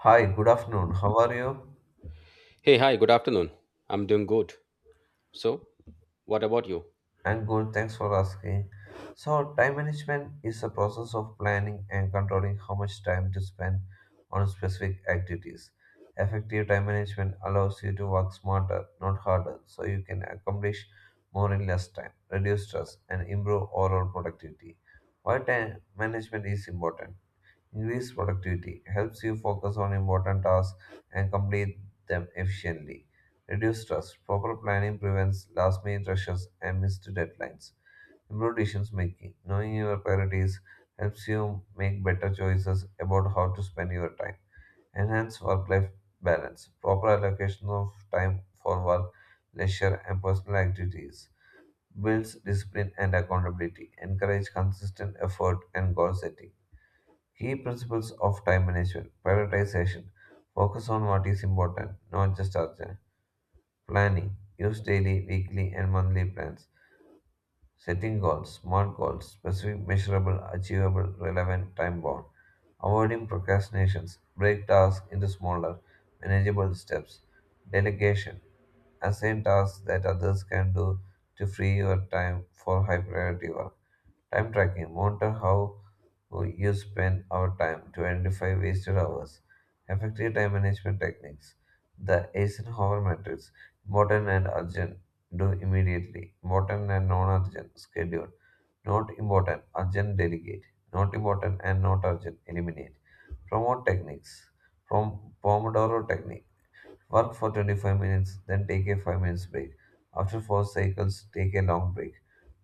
Hi, good afternoon. How are you? Hey, hi, good afternoon. I'm doing good. So, what about you? I'm good, thanks for asking. So, time management is the process of planning and controlling how much time to spend on specific activities. Effective time management allows you to work smarter, not harder, so you can accomplish more in less time, reduce stress, and improve overall productivity. Why time management is important? Increased productivity helps you focus on important tasks and complete them efficiently. Reduce stress. Proper planning prevents last minute rushes and missed deadlines. Improved decision making. Knowing your priorities helps you make better choices about how to spend your time. Enhance work life balance. Proper allocation of time for work, leisure, and personal activities. Builds discipline and accountability. Encourage consistent effort and goal setting. Key principles of time management: prioritization, focus on what is important, not just urgent. Planning, use daily, weekly, and monthly plans. Setting goals, smart goals, specific, measurable, achievable, relevant, time bound. Avoiding procrastinations, break tasks into smaller, manageable steps. Delegation, assign tasks that others can do to free your time for high priority work. Time tracking, monitor how you spend our time to identify wasted hours. Effective time management techniques, the Eisenhower matrix, modern and urgent do immediately. Important and non urgent. Schedule. Not important. Urgent. Delegate. Not important and not urgent. Eliminate. Promote techniques. From Pomodoro technique. Work for 25 minutes, then take a 5 minutes break. After 4 cycles, take a long break.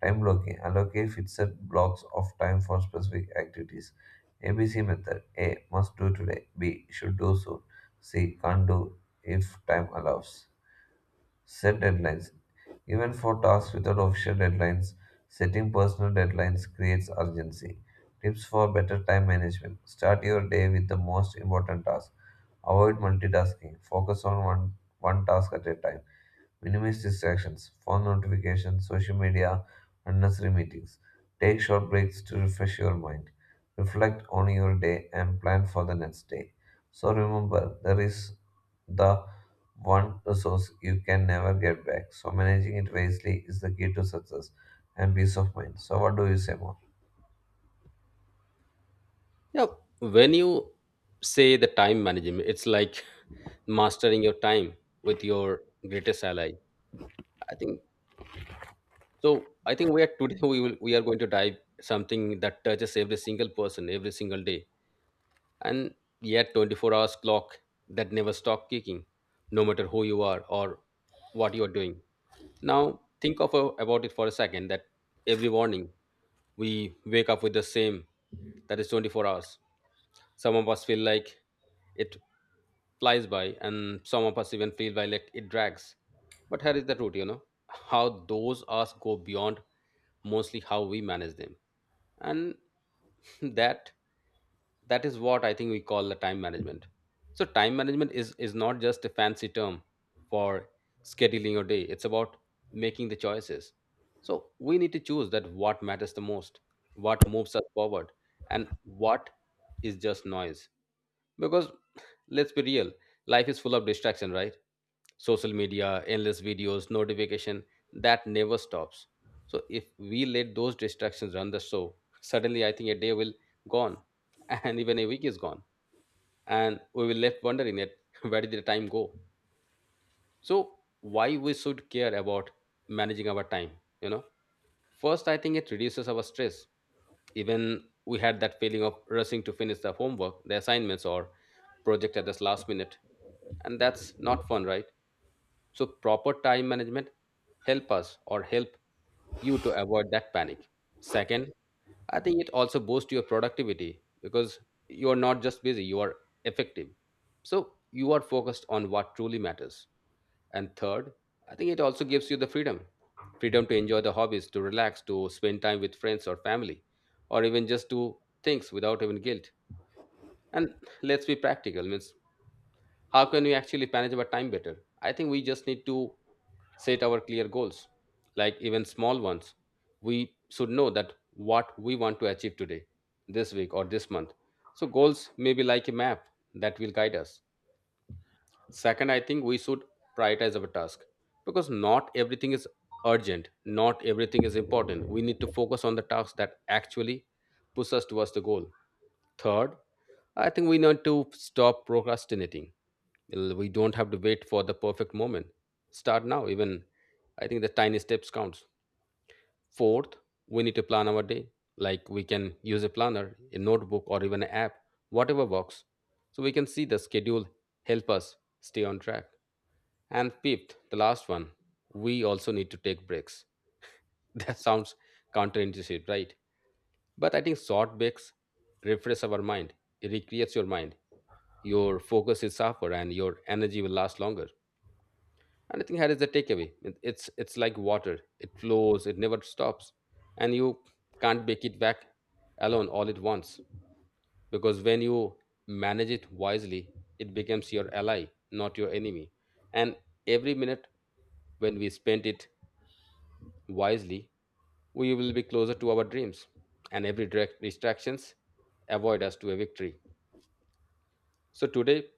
Time blocking. Allocate fixed blocks of time for specific activities. ABC method. A. Must do today. B. Should do soon. C. Can't do if time allows. Set deadlines. Even for tasks without official deadlines, setting personal deadlines creates urgency. Tips for better time management. Start your day with the most important task. Avoid multitasking. Focus on one task at a time. Minimize distractions, phone notifications, social media, unnecessary meetings. Take short breaks to refresh your mind. Reflect on your day and plan for the next day. So remember, there is the one resource you can never get back. So managing it wisely is the key to success and peace of mind. So what do you say more? Yeah, when you say the time management, it's like mastering your time with your greatest ally. I think so. I think we are today we are going to dive something that touches every single person every single day, and yet 24 hours clock that never stop kicking, no matter who you are or what you are doing. Now, think about it for a second that every morning we wake up with the same, that is 24 hours. Some of us feel like it flies by, and some of us even feel by like it drags. But here is the truth, how those hours go beyond mostly how we manage them. And that that is what I think we call the time management. So time management is not just a fancy term for scheduling your day. It's about making the choices. So we need to choose that what matters the most, what moves us forward, and what is just noise. Because let's be real, life is full of distraction, right? Social media, endless videos, notification that never stops. So if we let those distractions run the show, suddenly I think a day will gone, and even a week is gone, and we were left wondering that where did the time go. So why we should care about managing our time? you know first, I think it reduces our stress. Even we had that feeling of rushing to finish the homework, the assignments or project at this last minute, and that's not fun, right? So proper time management help us or help you to avoid that panic. Second, I think it also boosts your productivity, because you are not just busy, you are effective. So you are focused on what truly matters. And third, I think it also gives you the freedom, freedom to enjoy the hobbies, to relax, to spend time with friends or family, or even just do things without even guilt. And let's be practical. Means how can we actually manage our time better? I think we just need to set our clear goals, like even small ones. We should know that what we want to achieve today, this week, or this month. So, goals may be like a map that will guide us. Second, I think we should prioritize our task, because not everything is urgent, not everything is important. We need to focus on the tasks that actually push us towards the goal. Third, I think we need to stop procrastinating. Well, we don't have to wait for the perfect moment. Start now. Even I think the tiny steps counts. Fourth, we need to plan our day. Like we can use a planner, a notebook, or even an app, whatever works. So we can see the schedule help us stay on track. And fifth, the last one, we also need to take breaks. That sounds counterintuitive, right? But I think short breaks refresh our mind. It recreates your mind. Your focus is sharper and your energy will last longer. And I think here is the takeaway. It's like water. It flows. It never stops, and you can't make it back alone all at once. Because when you manage it wisely, it becomes your ally, not your enemy. And every minute when we spend it wisely, we will be closer to our dreams. And every direct distractions avoid us to a victory. So today,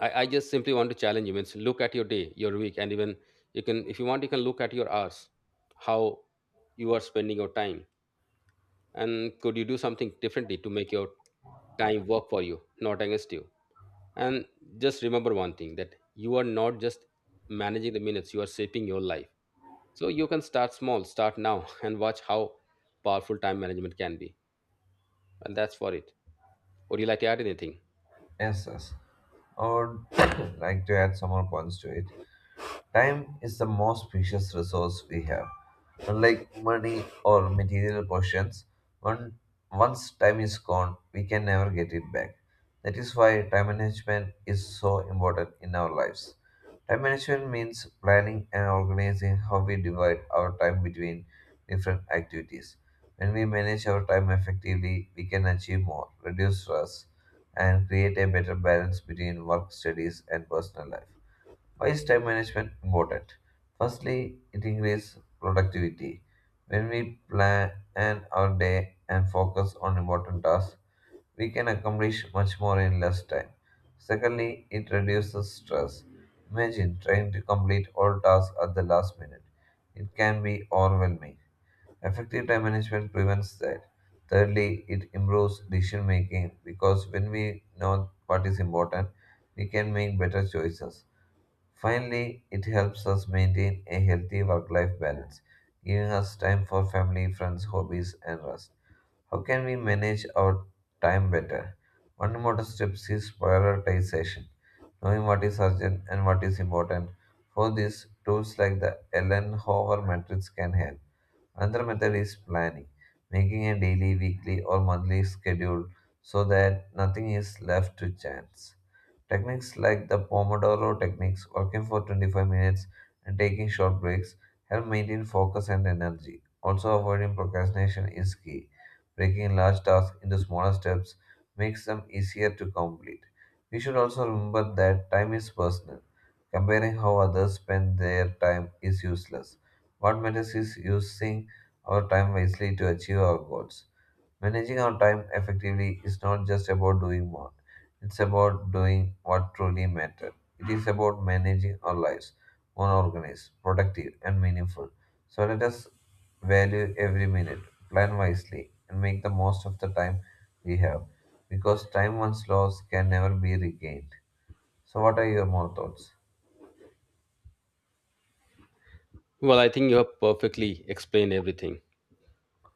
I just simply want to challenge you. Means look at your day, your week, and even you can, if you want, you can look at your hours, how you are spending your time, and could you do something differently to make your time work for you, not against you. And just remember one thing that you are not just managing the minutes; you are shaping your life. So you can start small, start now, and watch how powerful time management can be. And that's for it. Would you like to add anything? Yes, yes. I would like to add some more points to it. Time is the most precious resource we have. Unlike money or material possessions, one, once time is gone, we can never get it back. That is why time management is so important in our lives. Time management means planning and organizing how we divide our time between different activities. When we manage our time effectively, we can achieve more, reduce stress, and create a better balance between work, studies, and personal life. Why is time management important? Firstly, it increases productivity. When we plan our day and focus on important tasks, we can accomplish much more in less time. Secondly, it reduces stress. Imagine trying to complete all tasks at the last minute. It can be overwhelming. Effective time management prevents that. Thirdly, it improves decision making because when we know what is important, we can make better choices. Finally, it helps us maintain a healthy work life balance, giving us time for family, friends, hobbies, and rest. How can we manage our time better? One important step is prioritization, knowing what is urgent and what is important. For this, tools like the Eisenhower matrix can help. Another method is planning, making a daily, weekly, or monthly schedule so that nothing is left to chance. Techniques like the Pomodoro techniques, working for 25 minutes and taking short breaks, help maintain focus and energy. Also, avoiding procrastination is key. Breaking large tasks into smaller steps makes them easier to complete. We should also remember that time is personal. Comparing how others spend their time is useless. What matters is using our time wisely to achieve our goals. Managing our time effectively is not just about doing more, it's about doing what truly matters. It is about managing our lives more organized, productive, and meaningful. So let us value every minute, plan wisely, and make the most of the time we have. Because time once lost can never be regained. So, what are your more thoughts? Well, I think you have perfectly explained everything.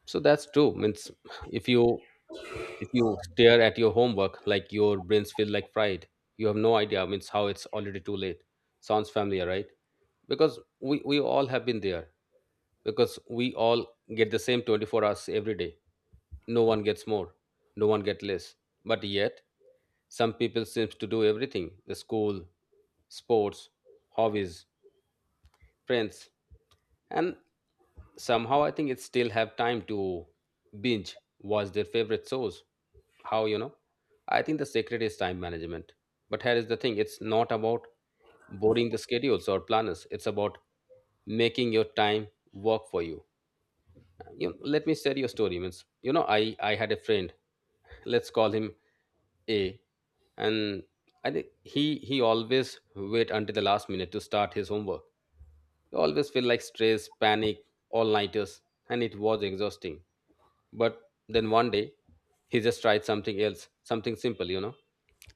So that's true. Means if you if you stare at your homework, like your brains feel like fried. You have no idea. Means how it's already too late. Sounds familiar, right? Because we all have been there. Because we all get the same 24 hours every day. No one gets more. No one gets less. But yet, some people seems to do everything: the school, sports, hobbies, friends, and somehow I think it still have time to binge watch their favorite shows. How, you know, I think the secret is time management. But here is the thing, it's not about boarding the schedules or planners, it's about making your time work for you. You know, let me share your story. Means you know, I had a friend, let's call him A, and I think he always wait until the last minute to start his homework. You always feel like stress, panic, all nighters, and it was exhausting. But then one day, he just tried something else, something simple, you know.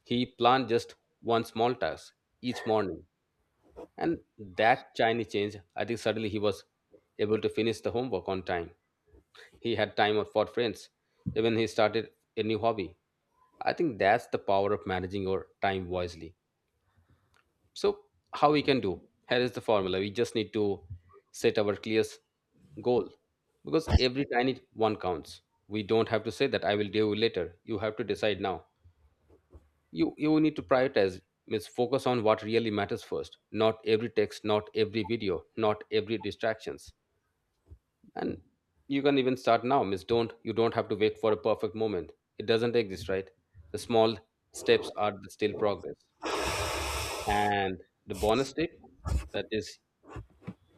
He planned just one small task each morning, and that tiny change, I think suddenly he was able to finish the homework on time. He had time for friends, even he started a new hobby. I think that's the power of managing your time wisely. So, how we can do? Here is the formula. We just need to set our clear goal, because every tiny one counts. We don't have to say that I will do later. You have to decide now. You need to prioritize. Means focus on what really matters first. Not every text, not every video, not every distractions. And you can even start now. Means don't you don't have to wait for a perfect moment. It doesn't exist, right? The small steps are the still progress. And the bonus tip that is,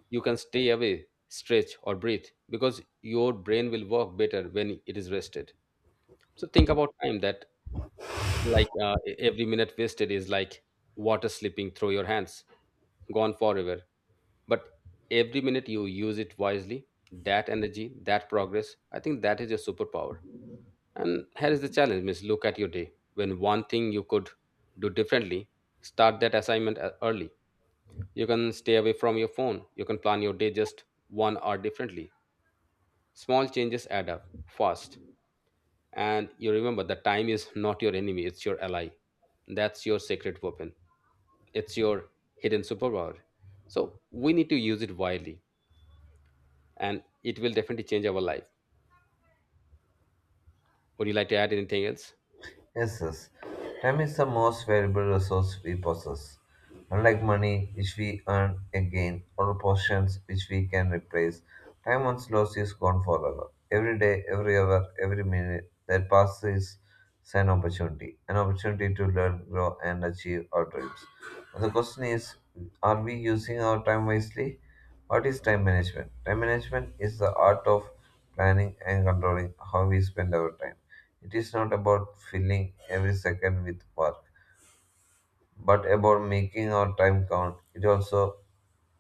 you can stay away, stretch, or breathe, because your brain will work better when it is rested. So think about time that like every minute wasted is like water slipping through your hands, gone forever. But every minute you use it wisely, that energy, that progress, I think that is your superpower. And here is the challenge, Miss. Look at your day. When one thing you could do differently, start that assignment early. You can stay away from your phone. You can plan your day just 1 hour differently. Small changes add up fast. And you remember that time is not your enemy, it's your ally. That's your secret weapon. It's your hidden superpower. So we need to use it widely and it will definitely change our life. Would you like to add anything else? Yes, yes. Time is the most valuable resource we possess. Unlike money, which we earn again, or possessions which we can replace, time once lost is gone forever. Every day, every hour, every minute that passes is an opportunity to learn, grow, and achieve our dreams. And the question is, are we using our time wisely? What is time management? Time management is the art of planning and controlling how we spend our time. It is not about filling every second with work, but about making our time count.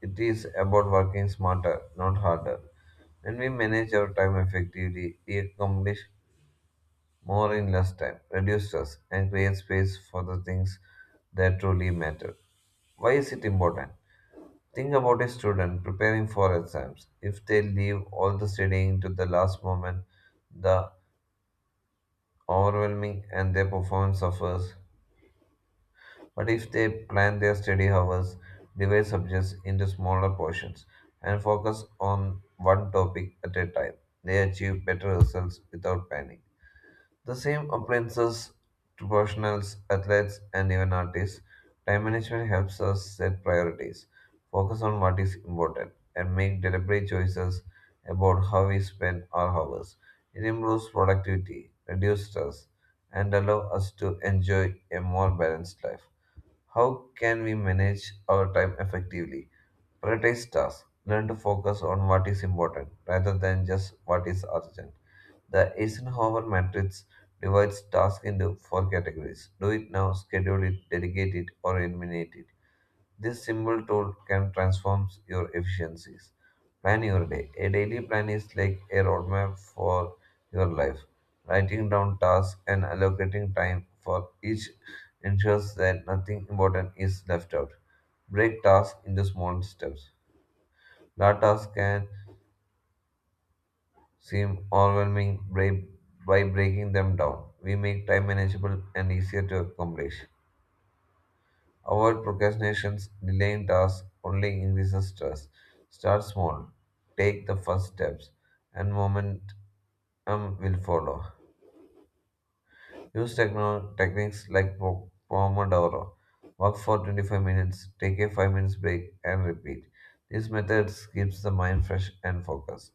It is about working smarter, not harder. When we manage our time effectively, we accomplish more in less time, reduce stress, and create space for the things that truly matter. Why is it important? Think about a student preparing for exams. If they leave all the studying to the last moment, the overwhelming and their performance suffers. But if they plan their study hours, divide subjects into smaller portions, and focus on one topic at a time, they achieve better results without panic. The same applies to professionals, athletes, and even artists. Time management helps us set priorities, focus on what is important, and make deliberate choices about how we spend our hours. It improves productivity, reduces stress, and allows us to enjoy a more balanced life. How can we manage our time effectively? Prioritize tasks. Learn to focus on what is important rather than just what is urgent. The Eisenhower matrix divides tasks into four categories: do it now, schedule it, delegate it, or eliminate it. This simple tool can transform your efficiencies. Plan your day. A daily plan is like a roadmap for your life. Writing down tasks and allocating time for each ensures that nothing important is left out. Break tasks into small steps. Large tasks can seem overwhelming by breaking them down. We make time manageable and easier to accomplish. Avoid procrastinations, delaying tasks only increases stress. Start small, take the first steps, and momentum will follow. Use techniques like Pomodoro. Work for 25 minutes, take a 5 minutes break, and repeat. These methods keeps the mind fresh and focused.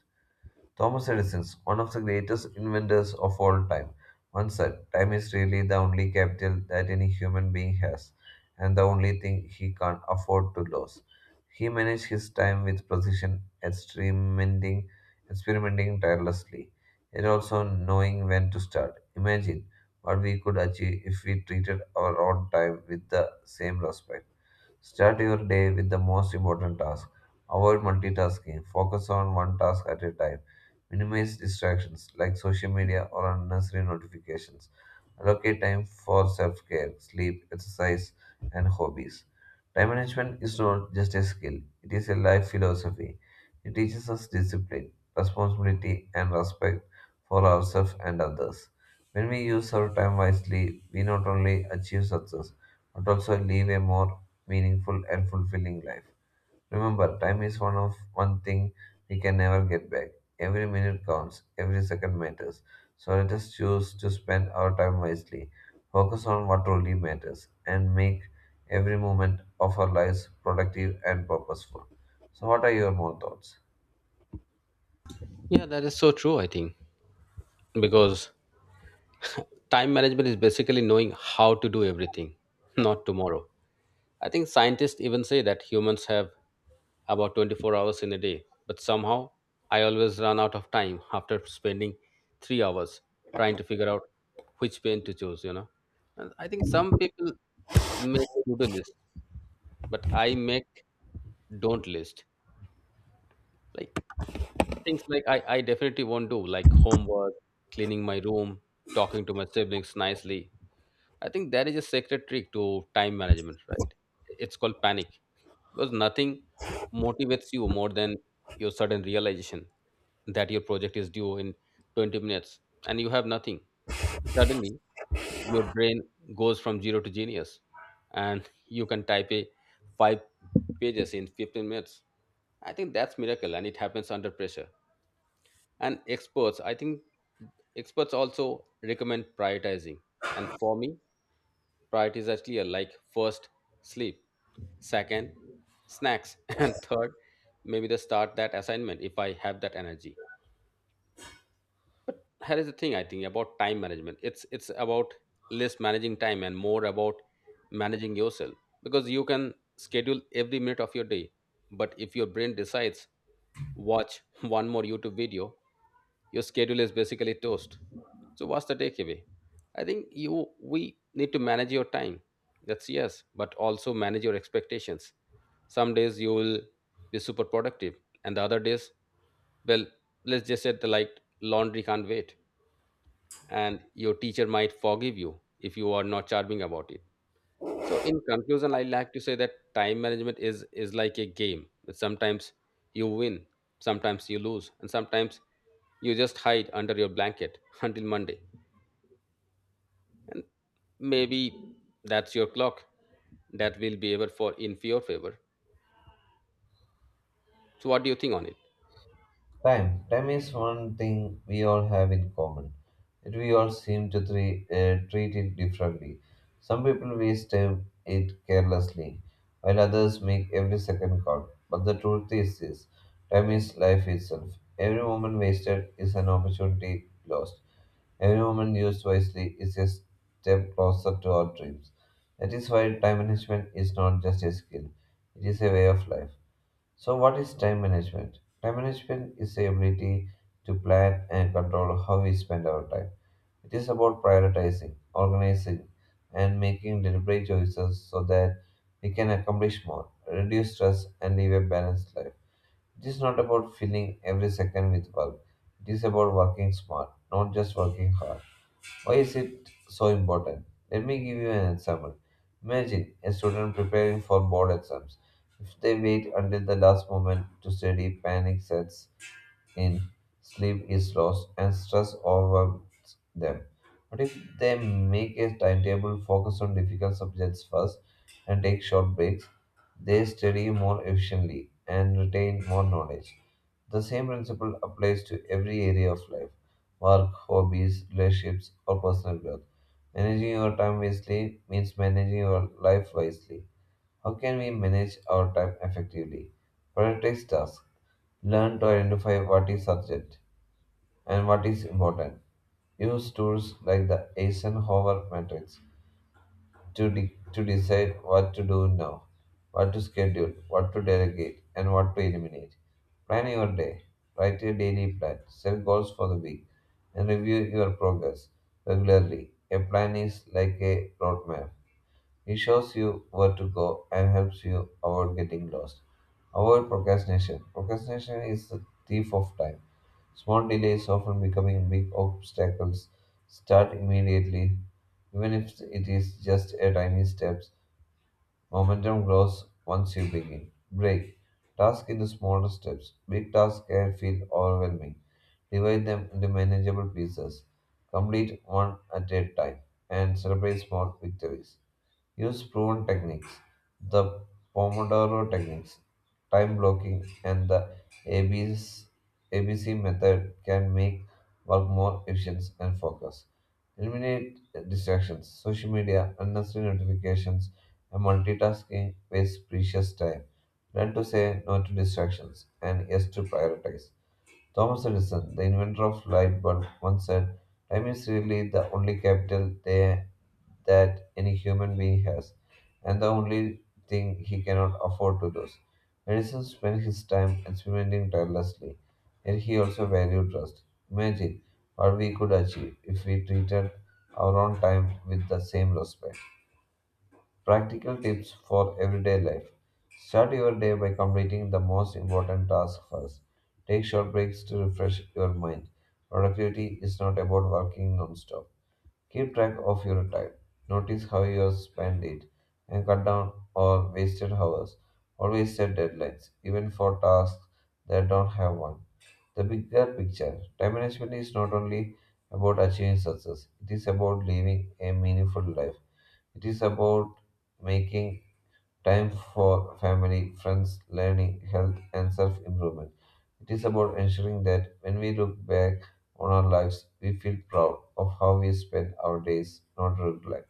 Thomas Edison, one of the greatest inventors of all time, once said, "Time is really the only capital that any human being has, and the only thing he can't afford to lose." He managed his time with precision, experimenting tirelessly, yet also knowing when to start. Imagine what we could achieve if we treated our own time with the same respect. Start your day with the most important task. Avoid multitasking. Focus on one task at a time. Minimize distractions like social media or unnecessary notifications. Allocate time for self care, sleep, exercise, and hobbies. Time management is not just a skill, it is a life philosophy. It teaches us discipline, responsibility, and respect for ourselves and others. When we use our time wisely, we not only achieve success but also live a more meaningful, and fulfilling life. Remember, time is one thing we can never get back. Every minute counts, every second matters. So let us choose to spend our time wisely, focus on what truly matters, and make every moment of our lives productive and purposeful. So, what are your more thoughts? Yeah, that is so true, I think. Because time management is basically knowing how to do everything, not tomorrow. I think scientists even say that humans have about 24 hours in a day, but somehow I always run out of time after spending 3 hours trying to figure out which pen to choose, you know. And I think some people make to-do list, but I make don't list. Like things like I definitely won't do, like homework, cleaning my room, talking to my siblings nicely. I think that is a secret trick to time management, right? It's called panic, because nothing motivates you more than your sudden realization that your project is due in 20 minutes and you have nothing. Suddenly your brain goes from zero to genius, and you can type a five pages in 15 minutes. I think that's miracle and it happens under pressure. And experts, I think experts also recommend prioritizing. And for me, priorities are clear, like first sleep, second snacks, and third maybe the start that assignment if I have that energy. Here is the thing I think about time management, it's about less managing time and more about managing yourself, because you can schedule every minute of your day, but if your brain decides watch one more YouTube video, your schedule is basically toast. So what's the takeaway? I think you, we need to manage your time, that's yes, but also manage your expectations. Some days you will be super productive, and the other days, well, let's just say the, like, laundry can't wait, and your teacher might forgive you if you are not charming about it. So in conclusion, I like to say that time management is like a game. Sometimes you win, sometimes you lose, and sometimes you just hide under your blanket until Monday. And maybe that's your clock that will be able for in your favor. So what do you think on it? Time. Time is one thing we all have in common. Yet we all seem to treat it differently. Some people waste time it carelessly, while others make every second count. But the truth is this, time is life itself. Every moment wasted is an opportunity lost. Every moment used wisely is a step closer to our dreams. That is why time management is not just a skill, it is a way of life. So, what is time management? Time management is the ability to plan and control how we spend our time. It is about prioritizing, organizing, and making deliberate choices so that we can accomplish more, reduce stress, and live a balanced life. It is not about filling every second with work, it is about working smart, not just working hard. Why is it so important? Let me give you an example. Imagine a student preparing for board exams. If they wait until the last moment to study, panic sets in, sleep is lost, and stress overwhelms them. What if they make a timetable, focus on difficult subjects first, and take short breaks? They study more efficiently and retain more knowledge. The same principle applies to every area of life: work, hobbies, relationships, or personal growth. Managing your time wisely means managing your life wisely. How can we manage our time effectively? Prioritize tasks. Learn to identify what is urgent and what is important. Use tools like the Eisenhower matrix to decide what to do now, what to schedule, what to delegate, and what to eliminate. Plan your day. Write a daily plan. Set goals for the week and review your progress regularly. A plan is like a roadmap. It shows you where to go and helps you avoid getting lost. Avoid procrastination. Procrastination is the thief of time. Small delays often becoming big obstacles. Start immediately, even if it is just a tiny steps. Momentum grows once you begin. Break task into smaller steps. Big tasks can feel overwhelming. Divide them into manageable pieces. Complete one at a time and celebrate small victories. Use proven techniques, the Pomodoro techniques, time blocking, and the ABC, method can make work more efficient and focused. Eliminate distractions, social media, unnecessary notifications, and multitasking waste precious time. Learn to say no to distractions and yes to prioritize. Thomas Edison, the inventor of light bulb, once said, "Time is really the only capital there that any human being has, and the only thing he cannot afford to lose." Edison spent his time experimenting tirelessly, yet he also valued trust. Imagine what we could achieve if we treated our own time with the same respect. Practical tips for everyday life. Start your day by completing the most important task first. Take short breaks to refresh your mind. Productivity is not about working non-stop. Keep track of your time. Notice how you spend it and cut down or wasted hours. Always set deadlines, even for tasks that don't have one. The bigger picture. Time management is not only about achieving success, it is about living a meaningful life. It is about making time for family, friends, learning, health, and self improvement. It is about ensuring that when we look back on our lives, we feel proud of how we spent our days, not regret.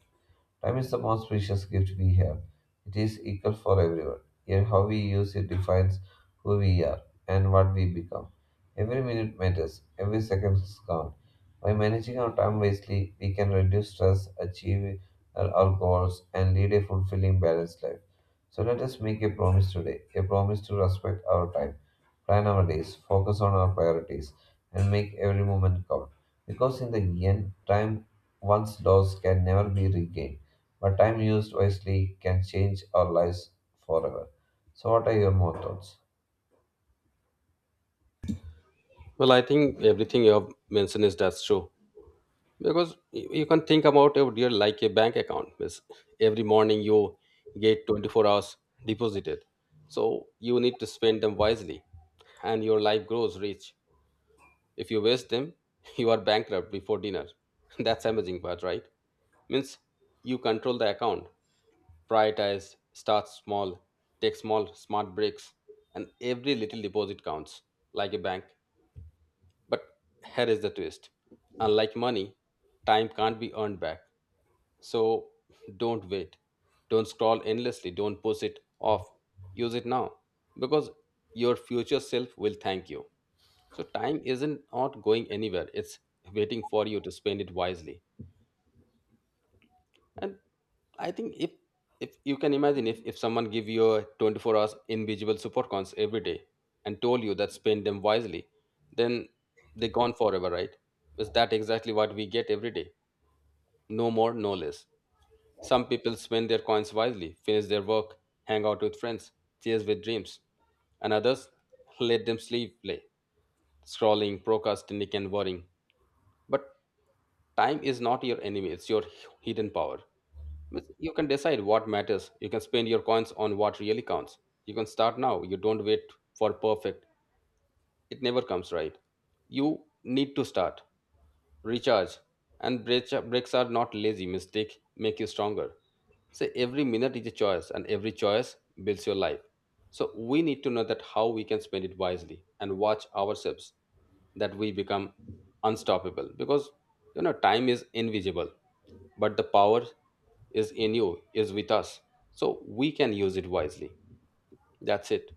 Time is the most precious gift we have. It is equal for everyone. Yet, how we use it defines who we are and what we become. Every minute matters, every second is count. By managing our time wisely, we can reduce stress, achieve our goals, and lead a fulfilling, balanced life. So, let us make a promise today a promise to respect our time. Plan our days, focus on our priorities, and make every moment count. Because in the end, time once lost can never be regained, but time used wisely can change our lives forever. So, what are your more thoughts? Well, I think everything you have mentioned is that's true, because you can think about your dear like a bank account. Means every morning you get 24 hours deposited, so you need to spend them wisely, and your life grows rich. If you waste them, you are bankrupt before dinner. That's amazing part, right? Means you control the account. Prioritize, start small, take small smart breaks, and every little deposit counts, like a bank. But here is the twist, unlike money, time can't be earned back. So don't wait. Don't scroll endlessly. Don't push it off. Use it now, because your future self will thank you. So time isn't not going anywhere. It's waiting for you to spend it wisely. And I think if you can imagine if someone give you a 24 hours invisible supercons every day and told you that spend them wisely, then they're gone forever, right? Is that exactly what we get every day? No more, no less. Some people spend their coins wisely, finish their work, hang out with friends, chase with dreams, and others let them sleep play, scrolling, procrastinating, and worrying. But time is not your enemy, it's your hidden power. Means you can decide what matters, you can spend your coins on what really counts. You can start now, you don't wait for perfect, it never comes, right? You need to start, recharge, and breaks are not lazy mistake make you stronger. So every minute is a choice, and every choice builds your life. So we need to know that how we can spend it wisely and watch ourselves that we become unstoppable, because you know time is invisible, but the power is in you, is with us. So we can use it wisely. That's it.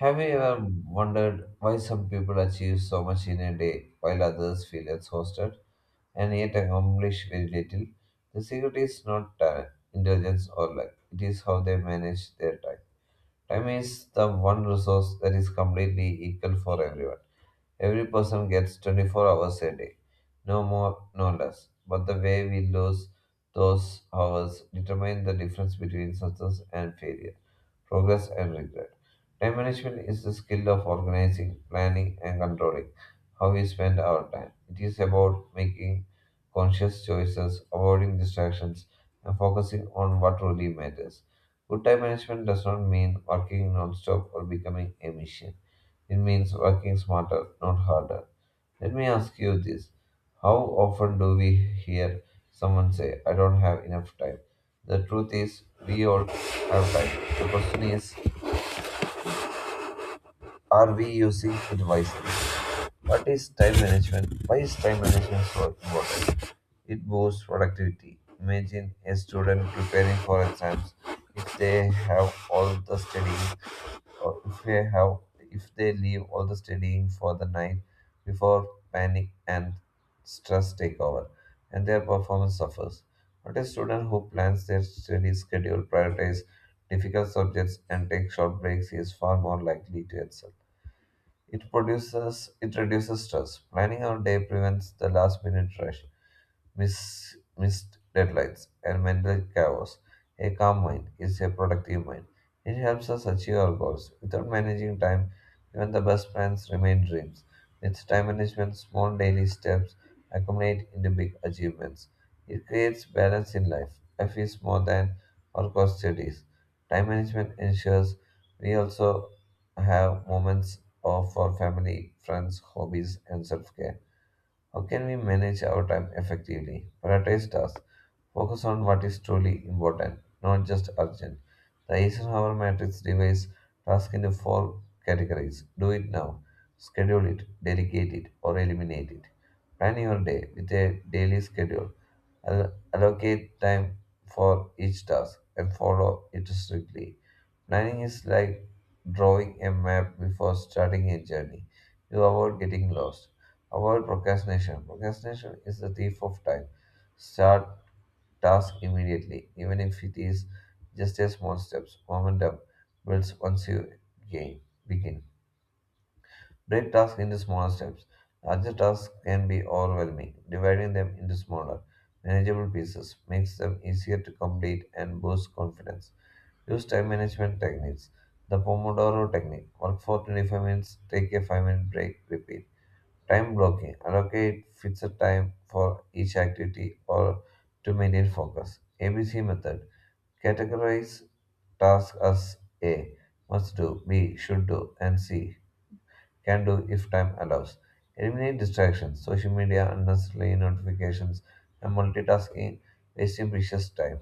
Have you ever wondered why some people achieve so much in a day while others feel exhausted and yet accomplish very little? The secret is not talent, intelligence, or luck, it is how they manage their time. Time is the one resource that is completely equal for everyone. Every person gets 24 hours a day, no more, no less. But the way we lose those hours determines the difference between success and failure progress, and regret. Time management is the skill of organizing, planning, and controlling how we spend our time. It is about making conscious choices, avoiding distractions, and focusing on what truly matters. Good time management does not mean working non-stop or becoming a machine. It means working smarter, not harder. Let me ask you this. How often do we hear someone say, I don't have enough time? The truth is, we all have time. The question is, are we using it wisely? What is time management? Why is time management so important? It boosts productivity. Imagine a student preparing for exams. If they have all the studying or if they have if they leave all the studying for the night before panic and stress take over and their performance suffers. But a student who plans their study schedule, prioritizes difficult subjects and takes short breaks is far more likely to excel. It reduces stress. Planning our day prevents the last minute rush missed deadlines, and mental chaos. A calm mind is a productive mind. It helps us achieve our goals. Without managing time, even the best plans remain dreams. With time management, small daily steps accumulate into big achievements. It creates balance in life. Life is more than our cost studies. Time management ensures we also have moments of for family, friends, hobbies, and self care. How can we manage our time effectively? Prioritize tasks. Focus on what is truly important, not just urgent. The Eisenhower matrix divides tasks into 4 categories. Do it now. Schedule it, delegate it, or eliminate it. Plan your day with a daily schedule. Allocate time for each task and follow it strictly. Planning is like drawing a map before starting a journey. You avoid getting lost. Avoid procrastination. Procrastination is the thief of time. Start task immediately, even if it is just a small steps. Momentum builds once you gain begin. Break tasks into smaller steps. Larger tasks can be overwhelming. Dividing them into smaller, manageable pieces makes them easier to complete and boosts confidence. Use time management techniques. The Pomodoro technique. Work for 25 minutes, take a 5-minute break, repeat. Time blocking. Allocate fixed time for each activity or to maintain focus. ABC method. Categorize tasks as A. Must do, B. Should do, and C can do if time allows. Eliminate distractions, social media, unnecessary notifications, and multitasking, wasting precious time.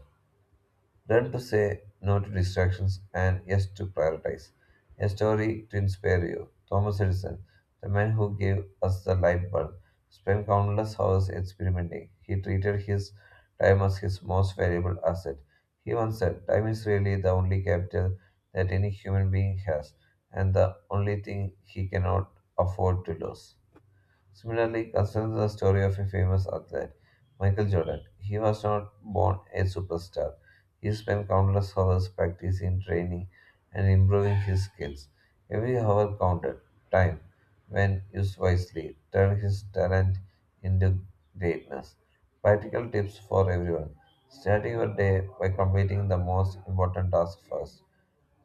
Learn to say no to distractions and yes to prioritize. A story to inspire you. Thomas Edison, the man who gave us the light bulb, spent countless hours experimenting. He treated his time as his most valuable asset. He once said, "Time is really the only capital that any human being has, and the only thing he cannot afford to lose." Similarly, considers the story of a famous athlete, Michael Jordan. He was not born a superstar. He spent countless hours practicing, training, and improving his skills. Every hour counted. Time, when used wisely, turned his talent into greatness. Practical tips for everyone. Start your day by completing the most important task first.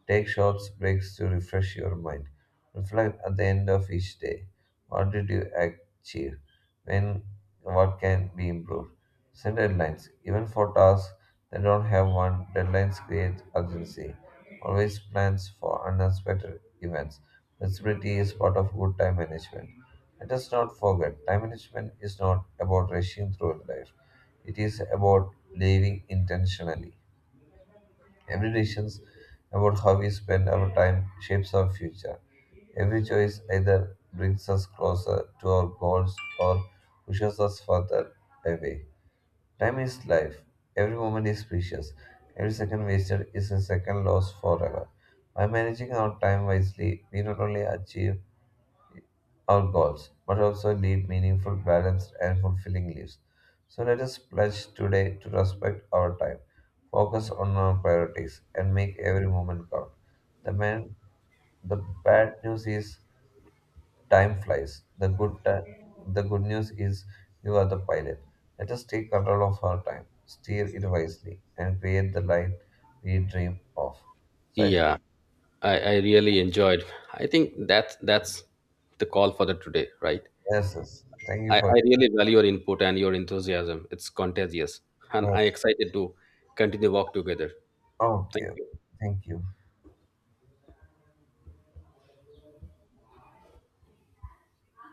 Take short breaks to refresh your mind. Reflect at the end of each day. What did you achieve? When what can be improved? Set deadlines. Even for tasks that don't have one, deadlines create urgency. Always plans for unexpected events. Flexibility is part of good time management. Let us not forget, time management is not about rushing through life. It is about living intentionally. Every decision about how we spend our time shapes our future. Every choice either brings us closer to our goals or pushes us further away. Time is life. Every moment is precious. Every second wasted is a second lost forever. By managing our time wisely, we not only achieve our goals, but also lead meaningful, balanced, and fulfilling lives. So let us pledge today to respect our time, focus on our priorities, and make every moment count. The man, the bad news is time flies. The good news is you are the pilot. Let us take control of our time, steer it wisely, and create the life we dream of. So I think Yeah, I really enjoyed. I think that's the call for the today, right? yes, yes, thank you I, for. I really value your input and your enthusiasm. It's contagious. And I'm Yes. excited to continue work together. Thank Okay, you. thank you.